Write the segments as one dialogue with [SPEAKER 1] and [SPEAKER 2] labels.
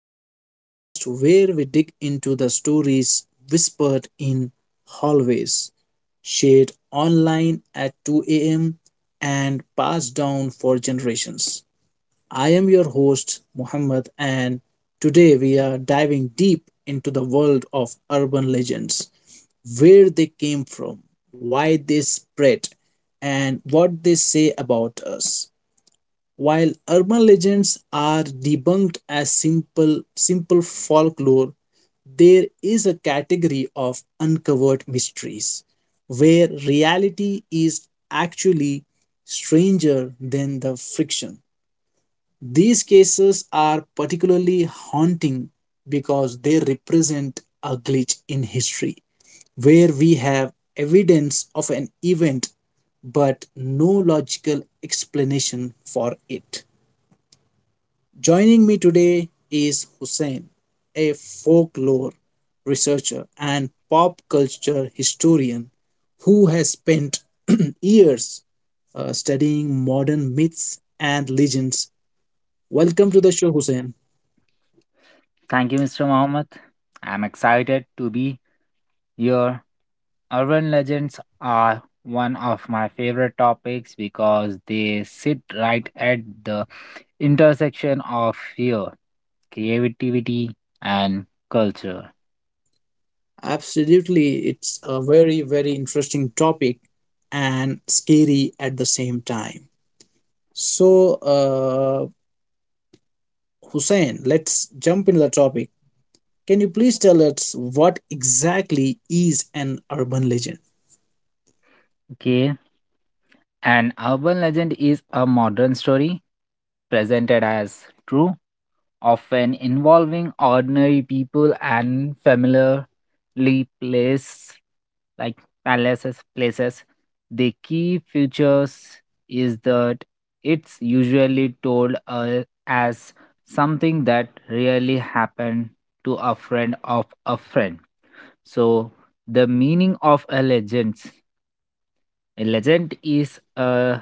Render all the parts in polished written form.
[SPEAKER 1] the podcast where we dig into the stories whispered in hallways, shared online at 2 a.m., and passed down for generations. I am your host, Muhammad, and today we are diving deep into the world of urban legends, where they came from, why they spread, and what they say about us. While urban legends are debunked as simple folklore, there is a category of uncovered mysteries where reality is actually stranger than the fiction. These cases are particularly haunting because they represent a glitch in history where we have evidence of an event but no logical explanation for it. Joining me today is Hussein, a folklore researcher and pop culture historian who has spent years studying modern myths and legends. Welcome to the show, Hussein.
[SPEAKER 2] Thank you, Mr. Mohammed. I'm excited to be here. Urban legends are one of my favorite topics because they sit right at the intersection of fear, creativity, and culture.
[SPEAKER 1] Absolutely, it's a very, very interesting topic and scary at the same time. So, uh, Hussein, let's jump into the topic. Can you please tell us what exactly is an urban legend?
[SPEAKER 2] Okay. An urban legend is a modern story presented as true, often involving ordinary people and familiarly placed like palaces, places. The key features is that it's usually told as something that really happened to a friend of a friend. So the meaning of a legend. A legend is a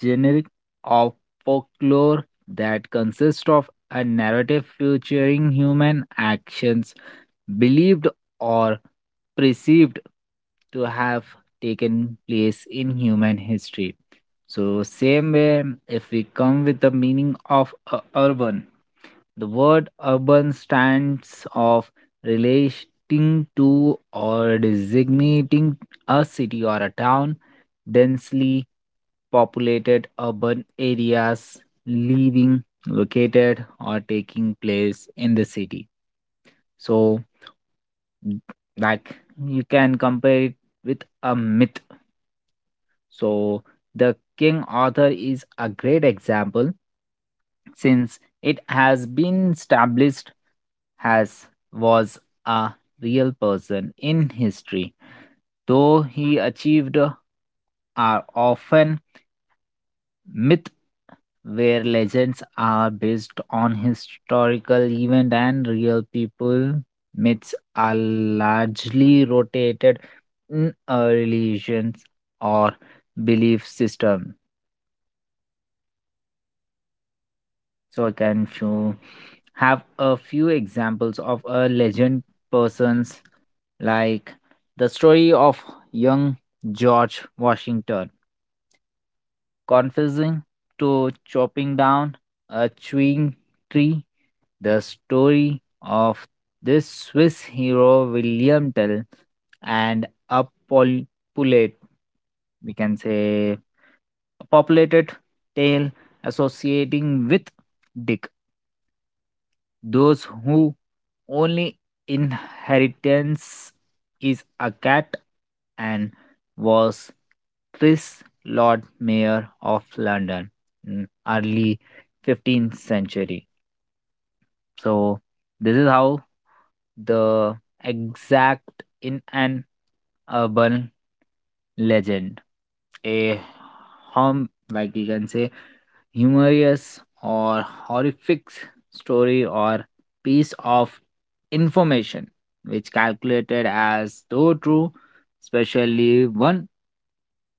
[SPEAKER 2] generic of folklore that consists of a narrative featuring human actions believed or perceived to have taken place in human history. So, same way, if we come with the meaning of urban, the word urban stands of relating to or designating a city or a town, densely populated urban areas, living, located, or taking place in the city. So, Mm, like you can compare it with a myth. So the King Arthur is a great example since it has been established has was a real person in history, though he achieved are often myth where legends are based on historical event and real people myths are largely rotated in a religions or belief system, so I can show have a few examples of a legend persons like the story of young George Washington confessing to chopping down a chewing tree. The story of this Swiss hero William Tell and a populate, we can say, a populated tale associating with those who only inheritance is a cat and was Chris Lord Mayor of London in early 15th century. So this is how the exact in an urban legend. A home like you can say humorous or horrific story or piece of information which calculated as though true, especially one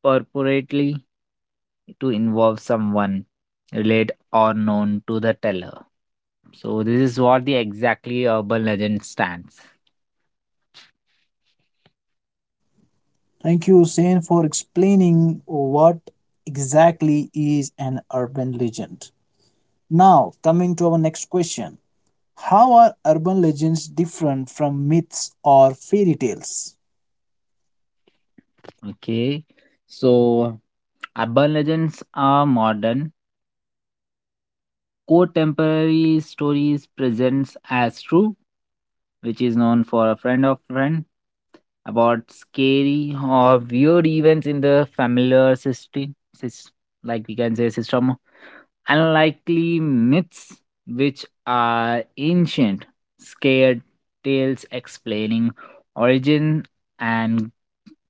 [SPEAKER 2] purportedly to involve someone related or known to the teller. So this is what the exactly urban legend stands.
[SPEAKER 1] Thank you, Sen, for explaining what exactly is an urban legend. Now, coming to our next question, how are urban legends different from myths or fairy tales?
[SPEAKER 2] Okay, so urban legends are modern core temporary stories presents as true, which is known for a friend of friend, about scary or weird events in the familiar system, sys- like we can say system, unlikely myths which are ancient scared tales explaining origin and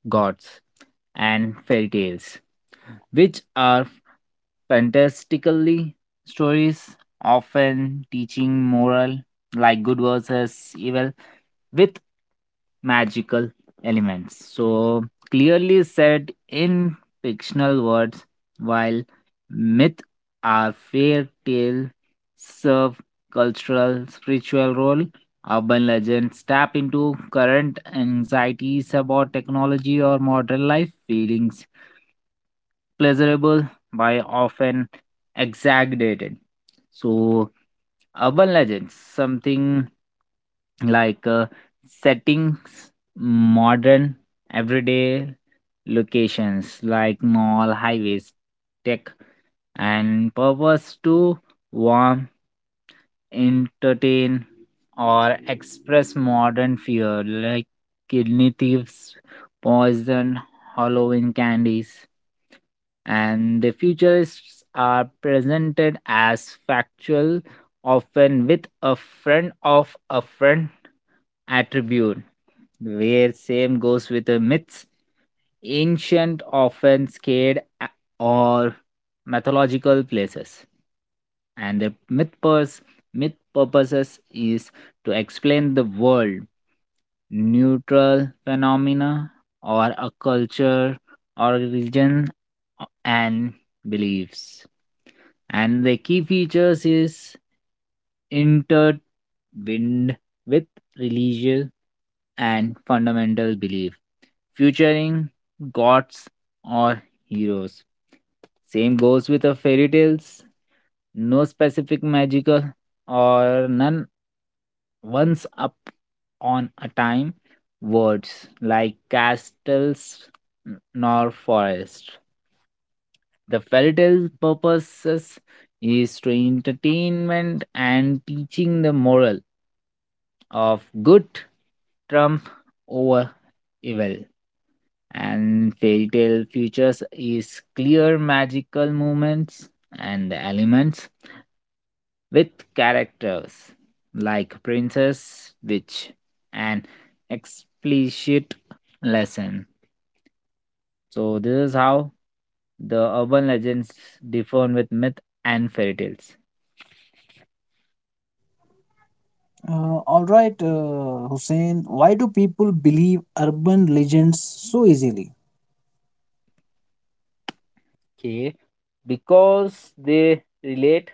[SPEAKER 2] gods and fairy tales, which are fantastically stories often teaching moral like good versus evil with magical elements, so clearly said in fictional words while myth are fairy tale serve cultural spiritual role. Urban legends tap into current anxieties about technology or modern life feelings pleasurable by often exaggerated. So, urban legends, something like settings, modern, everyday locations like mall, highways, tech, and purpose to warm entertain or express modern fear like kidney thieves, poison, Halloween candies, and the futurists are presented as factual, often with a friend of a friend attribute, where same goes with the myths ancient, often scared or mythological places. And the myth, purpose myth purposes is to explain the world, neutral phenomena, or a culture, or religion, and beliefs. And the key features is wind with religious and fundamental belief, featuring gods or heroes. Same goes with the fairy tales. No specific magical or none once up on a time words like castles nor forest. The fairy tale purposes is to entertainment and teaching the moral of good trump over evil, and fairy tale futures is clear magical moments and elements with characters like princess witch and explicit lesson. So this is how the urban legends differ with myth and fairy tales.
[SPEAKER 1] Hussein, why do people believe urban legends so easily?
[SPEAKER 2] Okay, because they relate.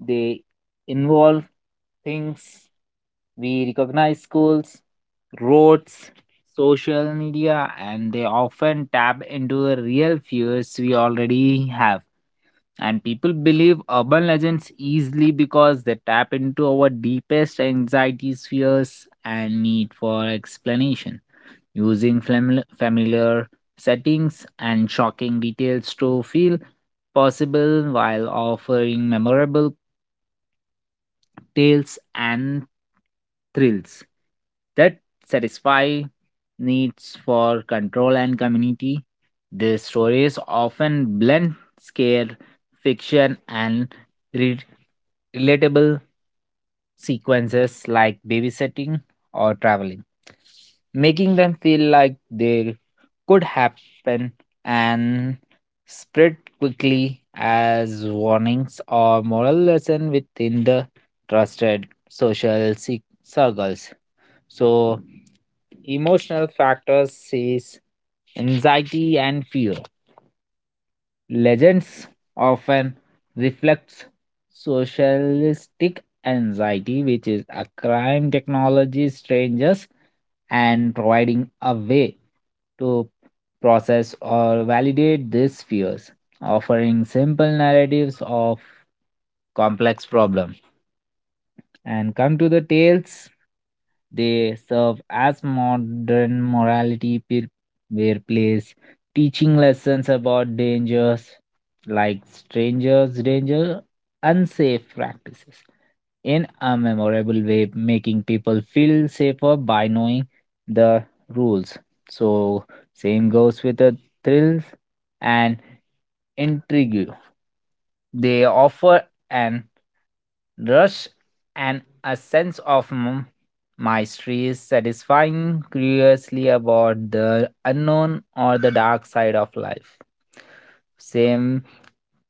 [SPEAKER 2] They involve things we recognize schools, roads, social media, and they often tap into the real fears we already have. And people believe urban legends easily because they tap into our deepest anxieties, fears, and need for explanation. Using familiar settings and shocking details to feel possible while offering memorable tales and thrills that satisfy needs for control and community. The stories often blend scare, fiction, and re- relatable sequences like babysitting or traveling, making them feel like they could happen and spread quickly as warnings or moral lesson within the trusted social circles. So, emotional factors is anxiety and fear. Legends often reflects socialistic anxiety, which is a crime technology strangers and providing a way to process or validate these fears, offering simple narratives of complex problem. And come to the tales. They serve as modern morality where place, teaching lessons about dangers like strangers, danger, unsafe practices in a memorable way, making people feel safer by knowing the rules. So, same goes with the thrills and intrigue. They offer an rush and a sense of mystery is satisfying curiously about the unknown or the dark side of life. Same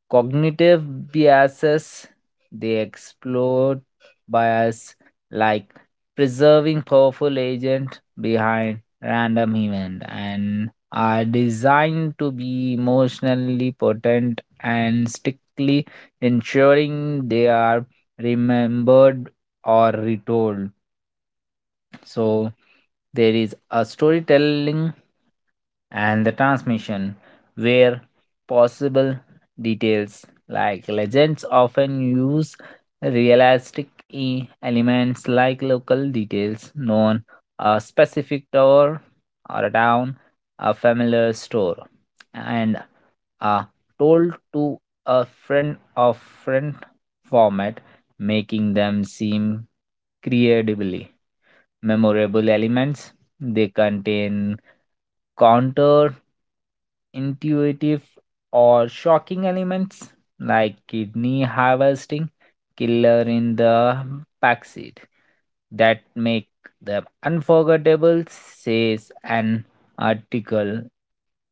[SPEAKER 2] cognitive biases, they explode bias like preserving powerful agent behind random event and are designed to be emotionally potent and strictly ensuring they are remembered or retold. So there is a storytelling and the transmission where possible details like legends often use realistic elements like local details known a specific tower or a town a familiar store, and are told to a friend of friend format, making them seem creatively memorable elements. They contain counter intuitive or shocking elements like kidney harvesting killer in the backseat that make them unforgettable, says an article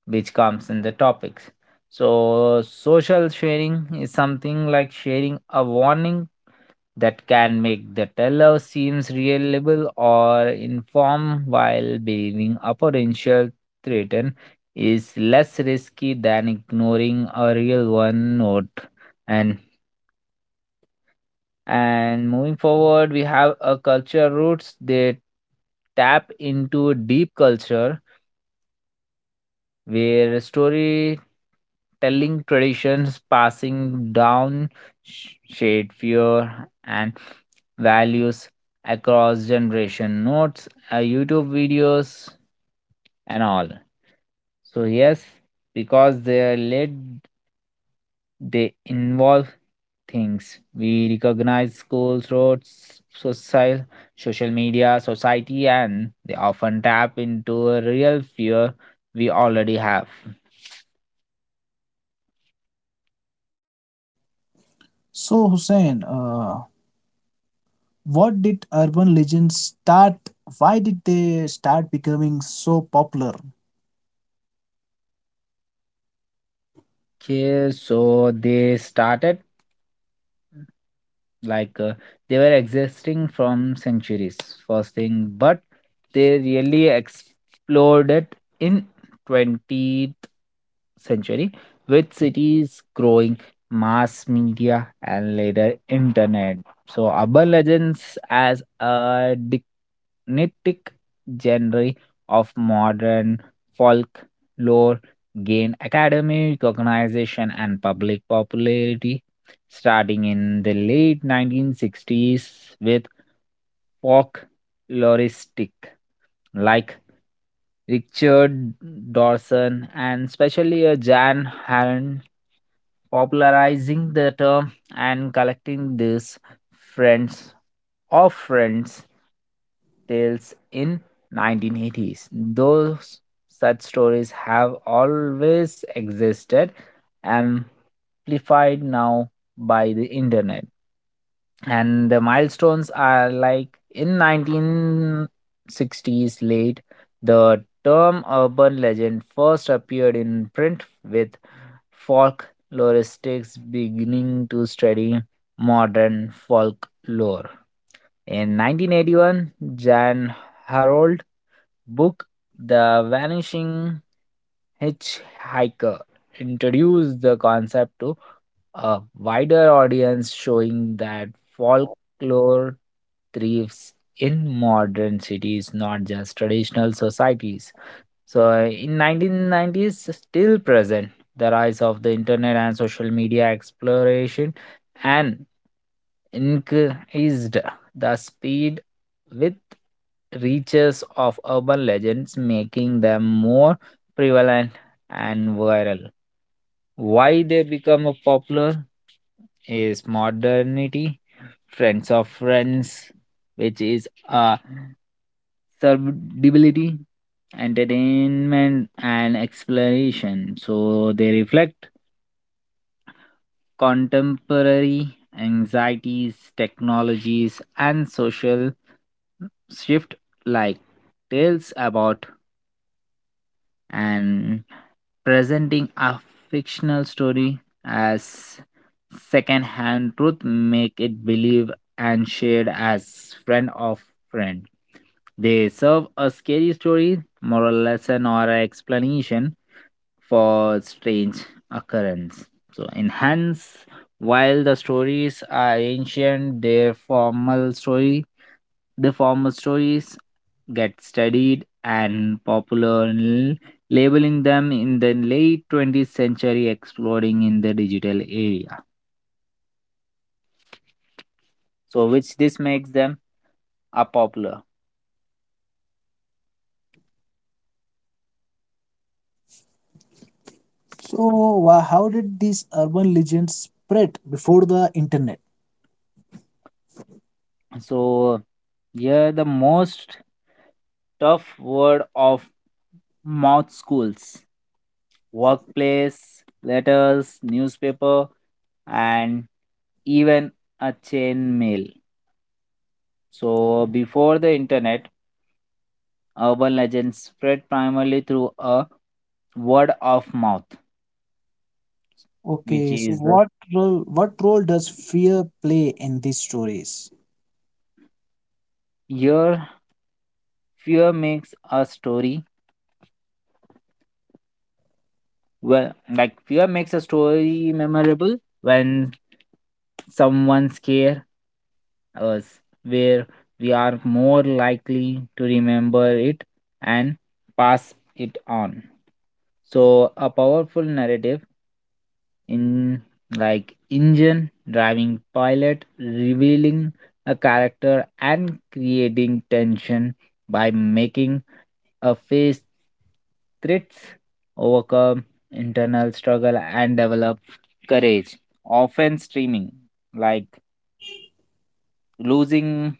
[SPEAKER 2] which comes in the topics. So social sharing is something like sharing a warning that can make the teller seems reliable or informed while believing a potential threat is less risky than ignoring a real one note. And and moving forward we have a culture roots. They tap into deep culture where storytelling traditions passing down shared fear and values across generation notes, YouTube videos and all. So yes, because they are led they involve things we recognize schools roads social social media society and they often tap into a real fear we already have.
[SPEAKER 1] So, Hussein, what did urban legends start? Why did they start becoming so popular?
[SPEAKER 2] Okay, so they started like they were existing from centuries first thing, but they really exploded in 20th century with cities growing mass media and later internet. So urban legends as a dignitic genre of modern folklore gain academic recognition and public popularity starting in the late 1960s with folkloristic like Richard Dawson and especially Jan Halen popularizing the term and collecting these friends of friends tales in 1980s. Those such stories have always existed, amplified now by the internet. And the milestones are like in 1960s late the term urban legend first appeared in print with folkloristics beginning to study modern folklore in 1981. Jan Harold book The Vanishing Hitchhiker introduced the concept to a wider audience, showing that folklore thrives in modern cities, not just traditional societies. So in 1990s, still present, the rise of the internet and social media exploration and increased the speed with reaches of urban legends, making them more prevalent and viral. Why they become a popular is modernity, friends of friends, which is a survivability, entertainment, and exploration. So they reflect contemporary anxieties, technologies, and social shift like tales about and presenting a fictional story as second-hand truth make it believed and shared as friend of friend. They serve a scary story, moral lesson, or an explanation for strange occurrence. So, enhance, while the stories are ancient, their formal story the former stories get studied and popular, labeling them in the late 20th century, exploding in the digital area. So, which this makes them a popular.
[SPEAKER 1] So, how did these urban legends spread before the internet?
[SPEAKER 2] So, here the most tough word of mouth schools, workplace, letters, newspaper, and even a chain mail. So before the internet, urban legends spread primarily through a word of mouth, which
[SPEAKER 1] Okay, so
[SPEAKER 2] is
[SPEAKER 1] what role does fear play in these stories?
[SPEAKER 2] your fear makes a story well, like fear makes a story memorable when someone scare us, where we are more likely to remember it and pass it on. So, a powerful narrative in like engine driving pilot revealing a character and creating tension by making a face threats overcome internal struggle and develop courage often streaming like losing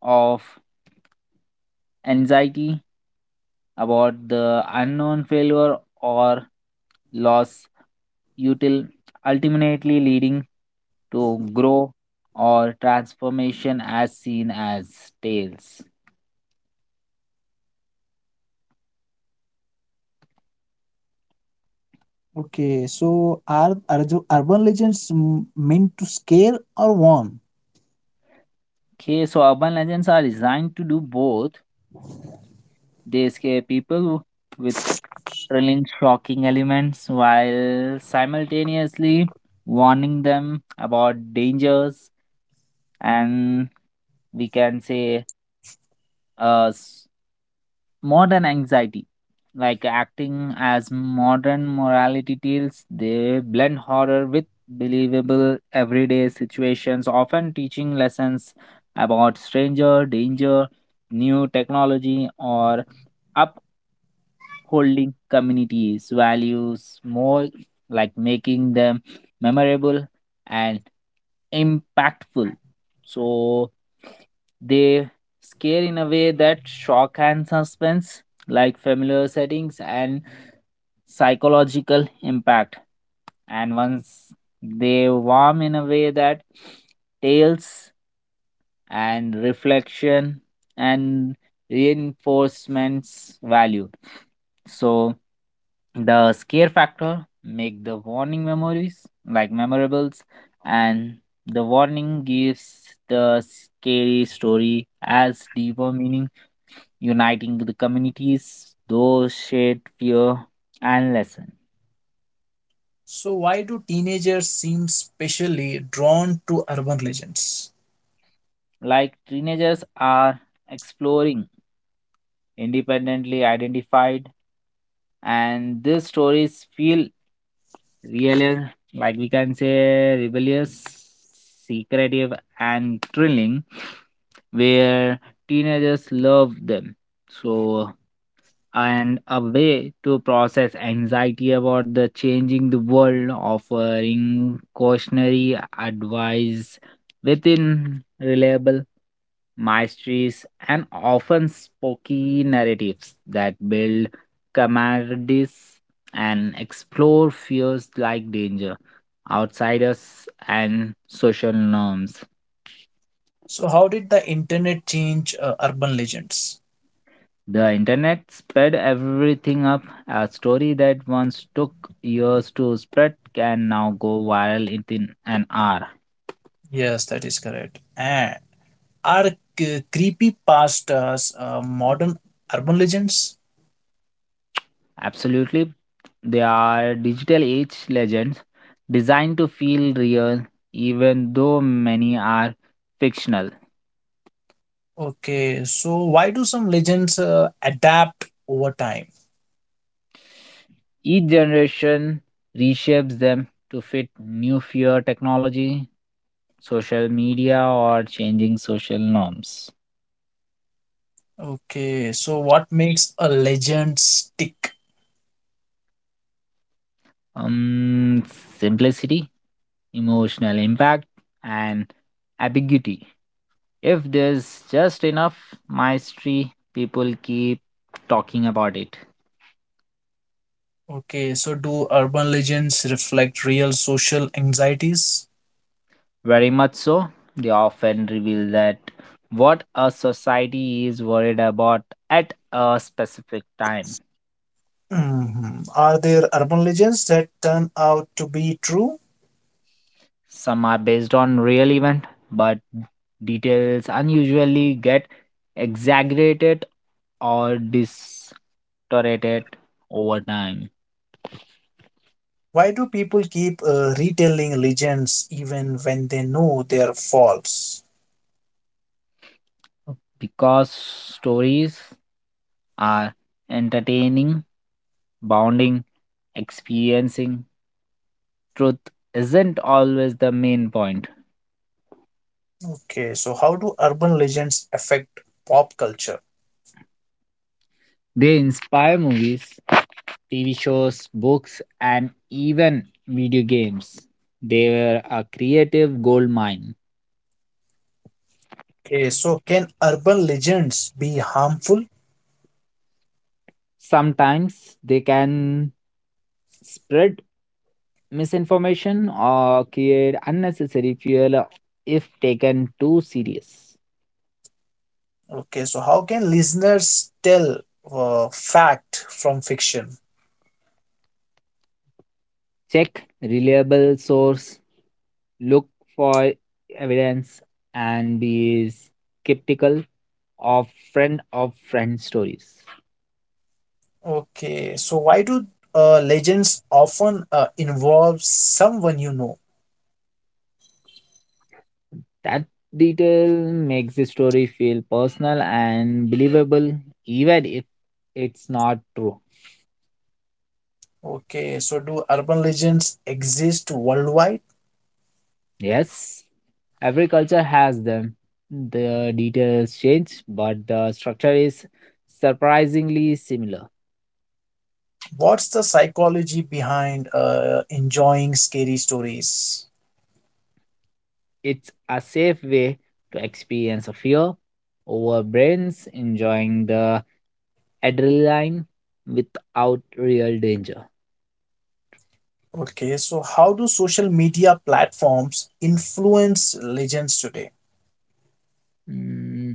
[SPEAKER 2] of anxiety about the unknown failure or loss util ultimately leading to grow or transformation as seen as tales.
[SPEAKER 1] Okay, so are the urban legends meant to scare or warn?
[SPEAKER 2] Okay, so urban legends are designed to do both. They scare people with thrilling, shocking elements while simultaneously warning them about dangers, and we can say uh, s- modern anxiety like acting as modern morality tales. They blend horror with believable everyday situations often teaching lessons about stranger danger new technology or holding communities values more like making them memorable and impactful. So they scare in a way that shock and suspense like familiar settings and psychological impact, and once they warm in a way that tales and reflection and reinforcements value. So the scare factor make the warning memories like memorables, and the warning gives the scary story as deeper meaning uniting the communities those shared fear and lesson.
[SPEAKER 1] So why do teenagers seem specially drawn to urban legends?
[SPEAKER 2] Like teenagers are exploring independently identified and these stories feel really, like we can say, rebellious, secretive, and thrilling, where teenagers love them. So, and a way to process anxiety about the changing the world, offering cautionary advice within reliable maestries, and often spooky narratives that build camaraderies and explore fears like danger, outsiders, and social norms.
[SPEAKER 1] So how did the internet change urban legends?
[SPEAKER 2] The internet sped everything up. A story that once took years to spread can now go viral within an hour.
[SPEAKER 1] Yes, that is correct. And are creepypastas modern urban legends?
[SPEAKER 2] Absolutely. They are digital age legends designed to feel real, even though many are fictional.
[SPEAKER 1] Okay, so why do some legends adapt over time?
[SPEAKER 2] Each generation reshapes them to fit new fear, technology, social media, or changing social norms.
[SPEAKER 1] Okay, so what makes a legend stick?
[SPEAKER 2] Um, simplicity, emotional impact, and ambiguity. If there's just enough mastery, people keep talking about it.
[SPEAKER 1] Okay, so do urban legends reflect real social anxieties?
[SPEAKER 2] Very much so. They often reveal that what a society is worried about at a specific time.
[SPEAKER 1] Hmm. Are there urban legends that turn out to be true?
[SPEAKER 2] Some are based on real event, but details unusually get exaggerated or distorted over time
[SPEAKER 1] Why do people keep retelling legends even when they know they are false?
[SPEAKER 2] because stories are entertaining, bounding, experiencing. Truth isn't always the main point.
[SPEAKER 1] Okay, so how do urban legends affect pop culture?
[SPEAKER 2] They inspire movies, TV shows, books, and even video games. They were a creative gold mine.
[SPEAKER 1] Okay, so can urban legends be harmful?
[SPEAKER 2] Sometimes they can spread misinformation or create unnecessary fuel if taken too serious.
[SPEAKER 1] Okay, so how can listeners tell fact from fiction?
[SPEAKER 2] Check reliable source, look for evidence, and be skeptical of friend stories.
[SPEAKER 1] Okay, so why do legends often involve someone you know?
[SPEAKER 2] That detail makes the story feel personal and believable, even if it's not true.
[SPEAKER 1] Okay, so do urban legends exist worldwide?
[SPEAKER 2] Yes, every culture has them. The details change, but the structure is surprisingly similar.
[SPEAKER 1] What's the psychology behind enjoying scary stories?
[SPEAKER 2] It's a safe way to experience a fear over brains, enjoying the adrenaline without real danger.
[SPEAKER 1] Okay, so how do social media platforms influence legends today?
[SPEAKER 2] Mm,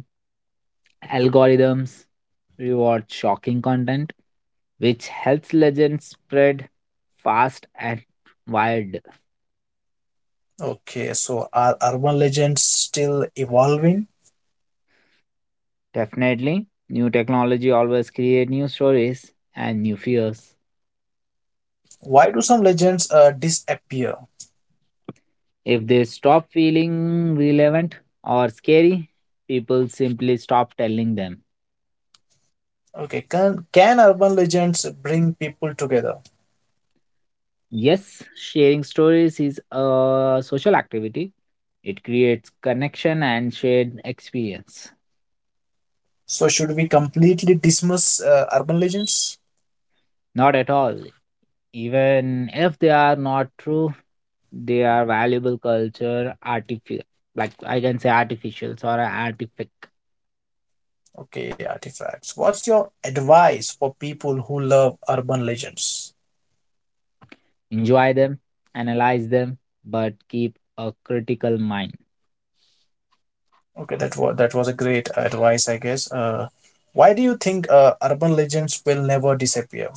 [SPEAKER 2] algorithms reward shocking content which helps legends spread fast and wide.
[SPEAKER 1] Okay, so are urban legends still evolving?
[SPEAKER 2] Definitely, new technology always create new stories and new fears.
[SPEAKER 1] Why do some legends disappear?
[SPEAKER 2] If they stop feeling relevant or scary, people simply stop telling them.
[SPEAKER 1] Okay, can urban legends bring people together?
[SPEAKER 2] Yes, sharing stories is a social activity. It creates connection and shared experience.
[SPEAKER 1] So should we completely dismiss urban legends?
[SPEAKER 2] Not at all. Even if they are not true, they are valuable culture artifi like I can say artificials or artifact.
[SPEAKER 1] Okay, artifacts. What's your advice for people who love urban legends?
[SPEAKER 2] Enjoy them, analyze them, but keep a critical mind.
[SPEAKER 1] Okay, that was a great advice, I guess. Why do you think urban legends will never disappear?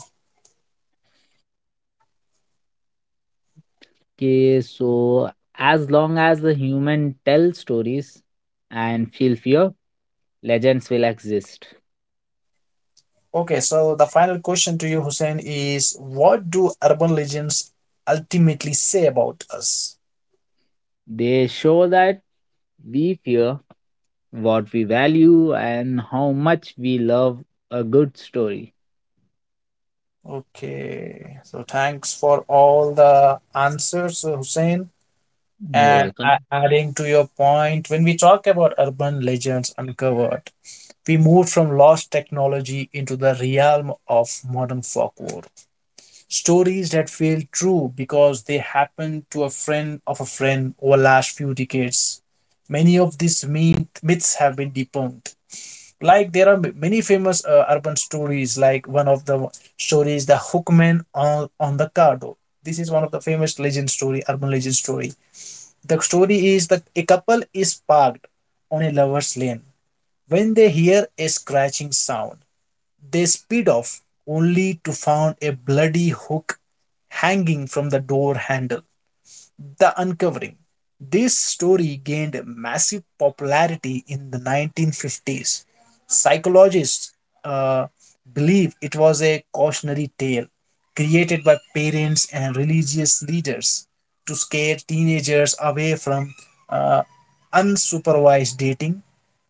[SPEAKER 2] Okay, so as long as the human tell stories and feel fear, legends will exist.
[SPEAKER 1] Okay, so the final question to you, Hussein, is what do urban legends ultimately say about us?
[SPEAKER 2] They show that we fear what we value and how much we love a good story.
[SPEAKER 1] Okay, so thanks for all the answers, Hussein.
[SPEAKER 2] You're
[SPEAKER 1] And
[SPEAKER 2] welcome.
[SPEAKER 1] adding to your point, when we talk about urban legends uncovered, we moved from lost technology into the realm of modern folklore. Stories that feel true because they happened to a friend of a friend over last few decades. Many of these myths have been debunked. Like there are many famous urban stories, like one of the stories, the hookman on the cardo. This is one of the famous legend story, urban legend story. The story is that a couple is parked on a lover's lane when they hear a scratching sound, they speed off, only to find a bloody hook hanging from the door handle. The Uncovering. This story gained massive popularity in the 1950s. Psychologists uh, believe it was a cautionary tale created by parents and religious leaders to scare teenagers away from uh, unsupervised dating.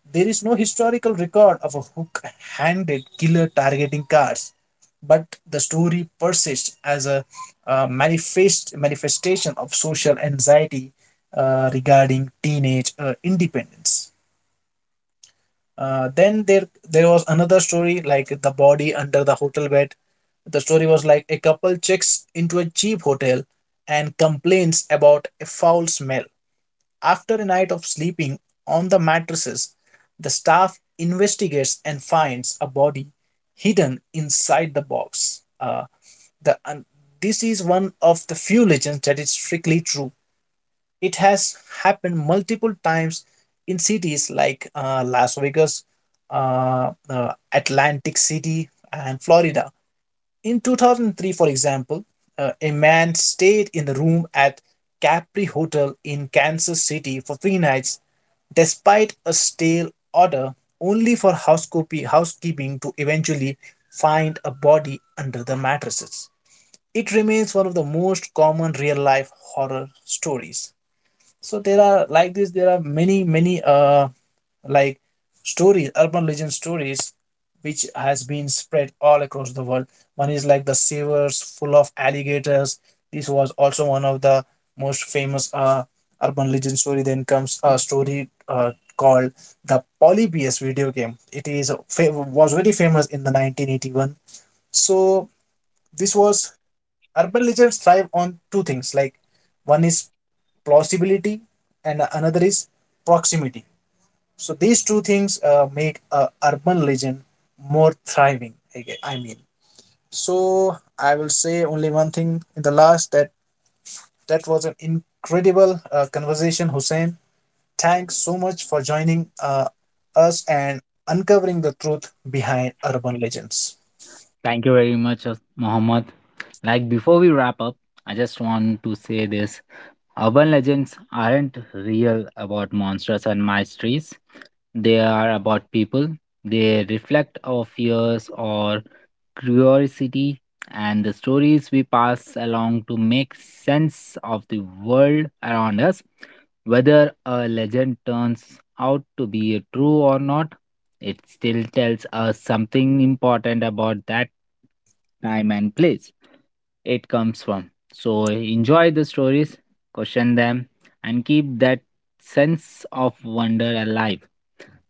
[SPEAKER 1] There is no historical record of a hook handed killer targeting cars, but the story persists as a manifestation of social anxiety regarding teenage independence. Then there was another story, like the body under the hotel bed. The story was like a couple checks into a cheap hotel and complains about a foul smell. After a night of sleeping on the mattresses, the staff investigates and finds a body hidden inside the box. The, and This is one of the few legends that is strictly true. It has happened multiple times in cities like Las Vegas, Atlantic City, and Florida. In 2003, for example, a man stayed in the room at Capri Hotel in Kansas City for three nights, despite a stale order, only for housekeeping to eventually find a body under the mattresses. It remains one of the most common real life horror stories. So there are, like this, there are many like stories, urban legend stories, which has been spread all across the world. One is like the sewers full of alligators. This was also one of the most famous urban legend story. Then comes a story called the polybius video game. It was very famous in the 1981. So this was, urban legends thrive on two things, like one is plausibility and another is proximity. So these two things make a urban legend more thriving, I mean. So I will say only one thing in the last, that that was an incredible conversation, Hussein. Thanks so much for joining uh, us and uncovering the truth behind urban legends.
[SPEAKER 2] Thank you very much, Mohammed. Like before we wrap up, I just want to say this. Urban legends aren't real about monsters and mysteries. They are about people. They reflect our fears or curiosity and the stories we pass along to make sense of the world around us. Whether a legend turns out to be true or not, it still tells us something important about that time and place it comes from. So enjoy the stories, question them, and keep that sense of wonder alive.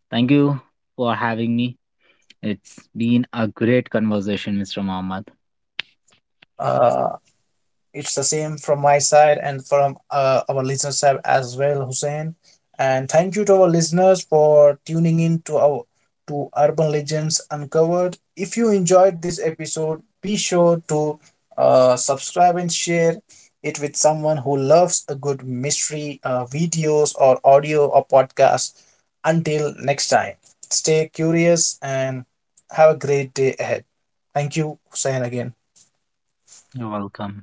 [SPEAKER 2] Thank you for having me. It's been a great conversation, Mr. Mohammed.
[SPEAKER 1] uh, It's the same from my side and from our listeners' side as well, Hussein. And thank you to our listeners for tuning in to our to Urban Legends Uncovered. If you enjoyed this episode, be sure to subscribe and share it with someone who loves a good mystery, videos or audio or podcast. Until next time, stay curious and have a great day ahead. Thank you, Hussein, again.
[SPEAKER 2] You're welcome.